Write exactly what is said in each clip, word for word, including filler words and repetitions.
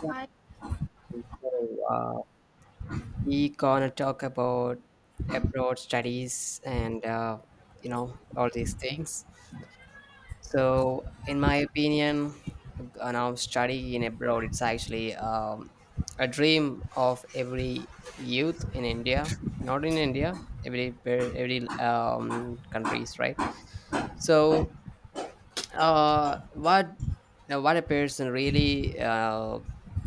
Yeah. So uh, we gonna talk about abroad studies and uh, you know all these things. So in my opinion, you know, study in abroad it's actually um, a dream of every youth in India. Not in India, every per- every um, countries, right? So uh what uh, what a person really uh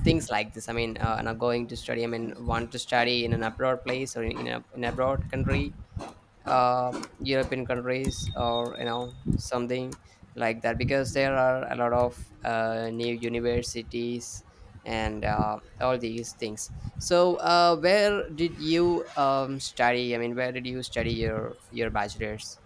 things like this i mean uh not going to study, I mean, want to study in an abroad place or in, in a in abroad country, uh european countries or you know something like that, because there are a lot of uh new universities and uh, all these things. So uh where did you um study, I mean, where did you study your your bachelor's?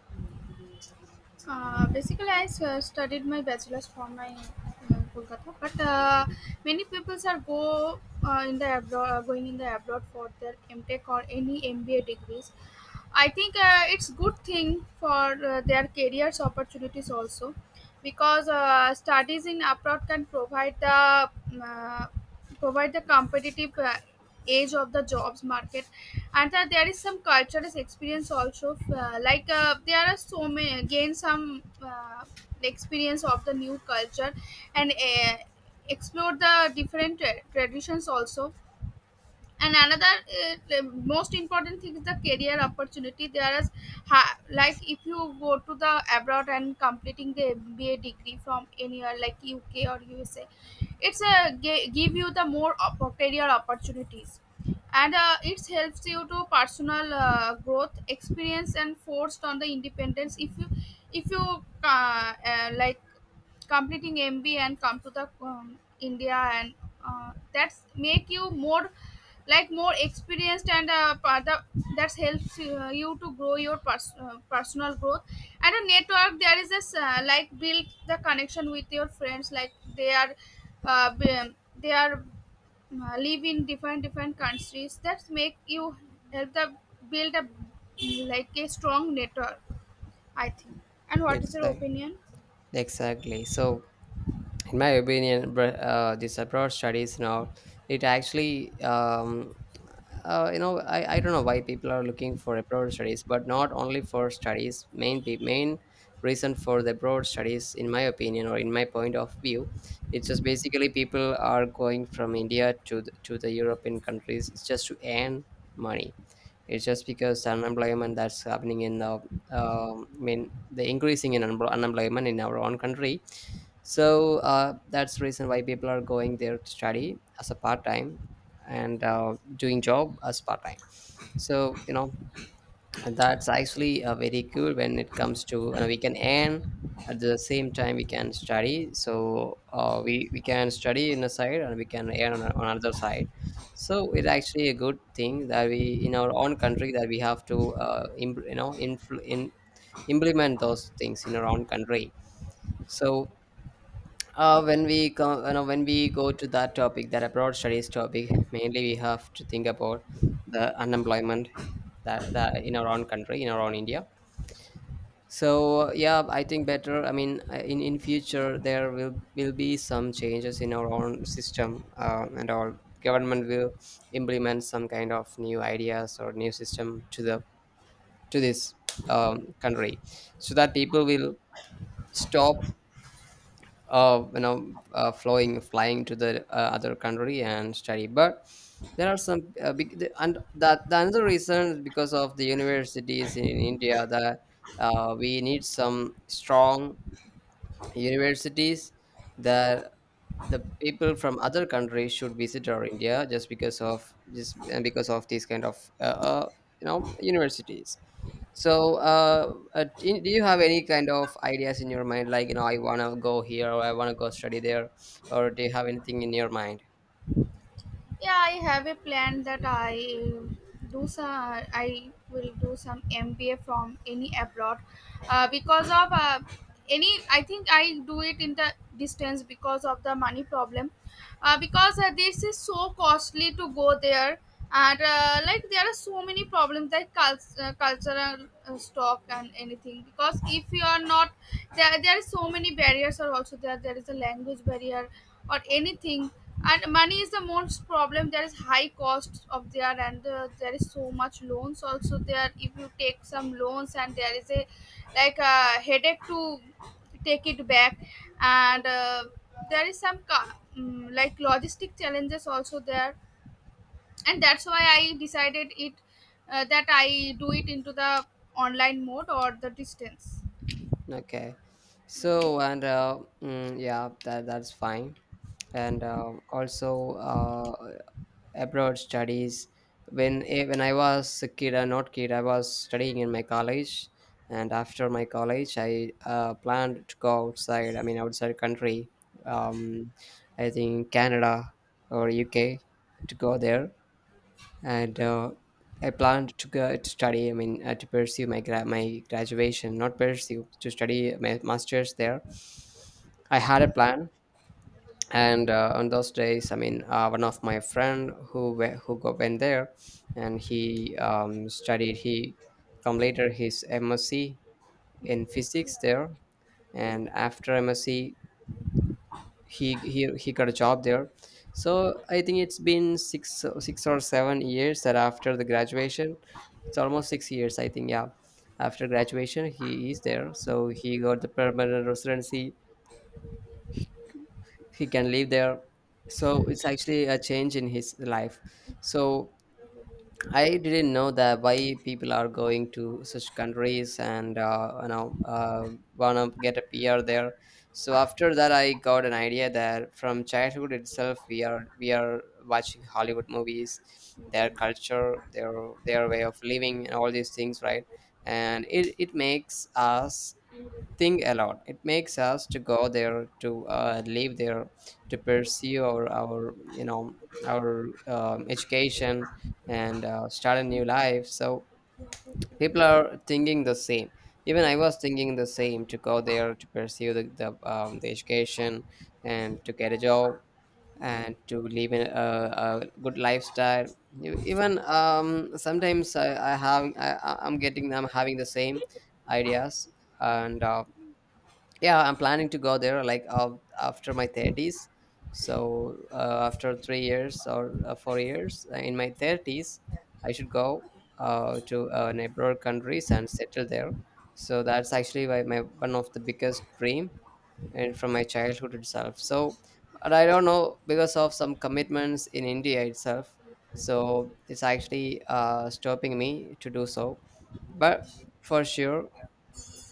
Uh, basically, I s- uh, studied my bachelor's from my uh, Kolkata, but uh, many people are go uh, in the abroad, uh, going in the abroad for their MTech or any M B A degrees. I think uh, it's good thing for uh, their careers opportunities also, because uh, studies in abroad can provide the mm, uh, provide the competitive uh, edge of the jobs market, and that there is some cultural experience also, uh, like uh, there are so many, gain some uh, experience of the new culture, and uh, explore the different tra- traditions also, and another uh, uh, most important thing is the career opportunity. There is ha- like if you go to the abroad and completing the MBA degree from anywhere like UK or USA, it's a g- give you the more op- career opportunities, and uh, it helps you to personal uh, growth experience and forced on the independence. If you if you uh, uh, like completing M B and come computer um, India, and uh, that's make you more, like more experienced, and uh, pa- the, that helps uh, you to grow your pers- uh, personal growth. And a network, there is this uh, like build the connection with your friends, like they are uh, b- they are uh, live in different different countries, that make you help the build a like a strong network, I think. And what is your Exactly. opinion? Exactly. So, in my opinion, br- uh, this abroad studies now, it actually, um, uh, you know, I, I don't know why people are looking for abroad studies, but not only for studies. Main pe- main reason for the abroad studies, in my opinion or in my point of view, it's just basically people are going from India to the, to the European countries just to earn money. It's just because unemployment that's happening in the, um I mean, the increasing in unempl- unemployment in our own country. So uh, that's the reason why people are going there to study as a part time and uh, doing job as part time. So you know and that's actually uh, very good when it comes to, and we can earn at the same time we can study. So uh, we we can study in a side and we can earn on, on another side. So it's actually a good thing that we in our own country that we have to uh, im- you know influ- in, implement those things in our own country. So uh, when we come, you know, when we go to that topic, that abroad studies topic, mainly we have to think about the unemployment that, that in our own country, in our own India. So yeah, I think better. I mean, uh, in in future there will will be some changes in our own system, uh, and our government will implement some kind of new ideas or new system to the to this um, country, so that people will stop uh, you know uh, flowing flying to the uh, other country and study. But there are some uh, big the- and that the another reason is because of the universities in india, that uh, we need some strong universities that the people from other countries should visit our India just because of just and because of these kind of uh, uh, you know universities. So, uh, uh, do do you have any kind of ideas in your mind? Like, you know, I wanna go here or I wanna go study there, or do you have anything in your mind? Yeah, I have a plan that I do some I will do some MBA from any abroad, uh, because of uh, any I think I do it in the distance because of the money problem. Uh, because uh, this is so costly to go there, and uh, like there are so many problems, like cul- uh, cultural uh, stock and anything, because if you are not there, there are so many barriers are also there. There is a language barrier or anything. And money is the most problem. There is high cost of there, and uh, there is so much loans also there. If you take some loans, and there is a like a headache to take it back, and uh, there is some ca- mm, like logistic challenges also there. And that's why I decided it, uh, that I do it into the online mode or the distance. Okay. So and uh, mm, yeah, that that's fine. And uh, also, uh, abroad studies. When eh, when I was a kid, uh, not kid I was studying in my college, and after my college I uh, planned to go outside, I mean, outside country. um, I think canada or uk to go there. And uh, I planned to go to study, I mean, uh, to pursue my gra- my graduation, not pursue to study my master's there. I had a plan. And uh, on those days, I mean, uh, one of my friend who we- who go, went there, and he um, studied he completed his msc in physics there, and after msc he, he he got a job there. So I think it's been six six or seven years that after the graduation. It's almost six years I think. Yeah, after graduation he is there, so he got the permanent residency. He can live there. So it's actually a change in his life. So I didn't know that why people are going to such countries and uh, you know uh, wanna get a pr there. So after that, I got an idea that from childhood itself we are we are watching hollywood movies, their culture, their their way of living and all these things, right? And it, it makes us think a lot. It makes us to go there, to uh, live there, to pursue our, our, you know, our um, education and uh, start a new life. So people are thinking the same. Even I was thinking the same, to go there, to pursue the the, um, the education, and to get a job, and to live in a, a good lifestyle. You- Even um, sometimes I, I have I, I- I'm getting I'm having the same ideas. And uh, yeah, I'm planning to go there like af- after my thirties. So uh, after three years or uh, four years, uh, in my thirties, I should go uh, to uh, neighbor countries and settle there. So that's actually my, my one of the biggest dream, and from my childhood itself. So, but I don't know, because of some commitments in India itself. So it's actually uh, stopping me to do so. But for sure,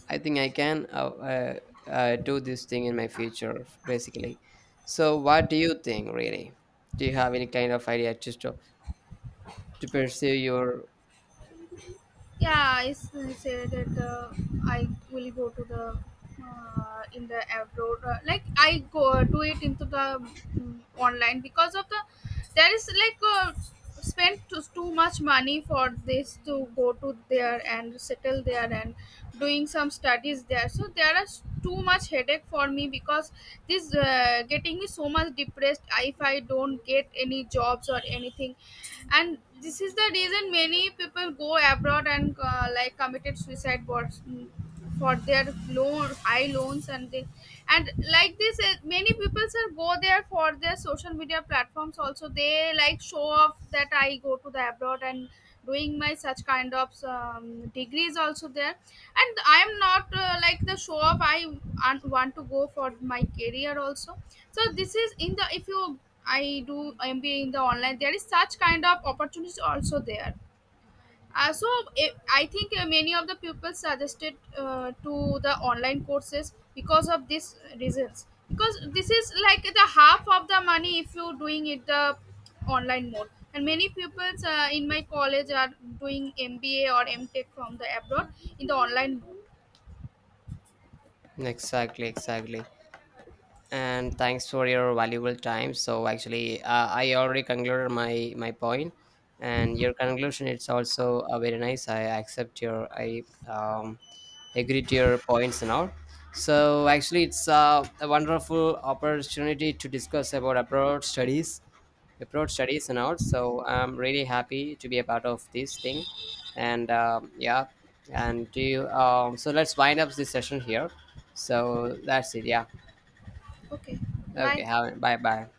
I think I can uh, uh, uh, do this thing in my future, f- basically. So, what do you think, really? Do you have any kind of idea just to, to pursue your Yeah, I s- said that uh, I will go to the uh, in the abroad. Uh, like I go do it into the mm, online, because of the, there is like uh, spend too, too much money for this to go to there and settle there and doing some studies there. So there is too much headache for me, because this uh, getting me so much depressed if I don't get any jobs or anything. And this is the reason many people go abroad and uh, like committed suicide for, for their loan, high loans. And they and like this, uh, many people sir go there for their social media platforms also. They like show off that I go to the abroad and doing my such kind of um, degrees also there. And I'm not uh, like the show off, I un- want to go for my career also. So this is in the, if you, I do MBA in the online, there is such kind of opportunities also there. uh, so eh, I think uh, many of the people suggested uh, to the online courses because of these reasons, because this is like the half of the money if you're doing it the online mode. And many pupils uh, in my college are doing MBA or M Tech from the abroad in the online mode. exactly, exactly? And thanks for your valuable time. So actually, uh, I already concluded my my point, and your conclusion it's also uh, very nice. I accept your I um, agree to your points and all. So actually, it's uh, a wonderful opportunity to discuss about abroad studies, abroad studies and all. So I'm really happy to be a part of this thing, and um, yeah, and do you, um, so let's wind up this session here. So that's it. Yeah. Okay, Okay, bye. have it. Bye bye.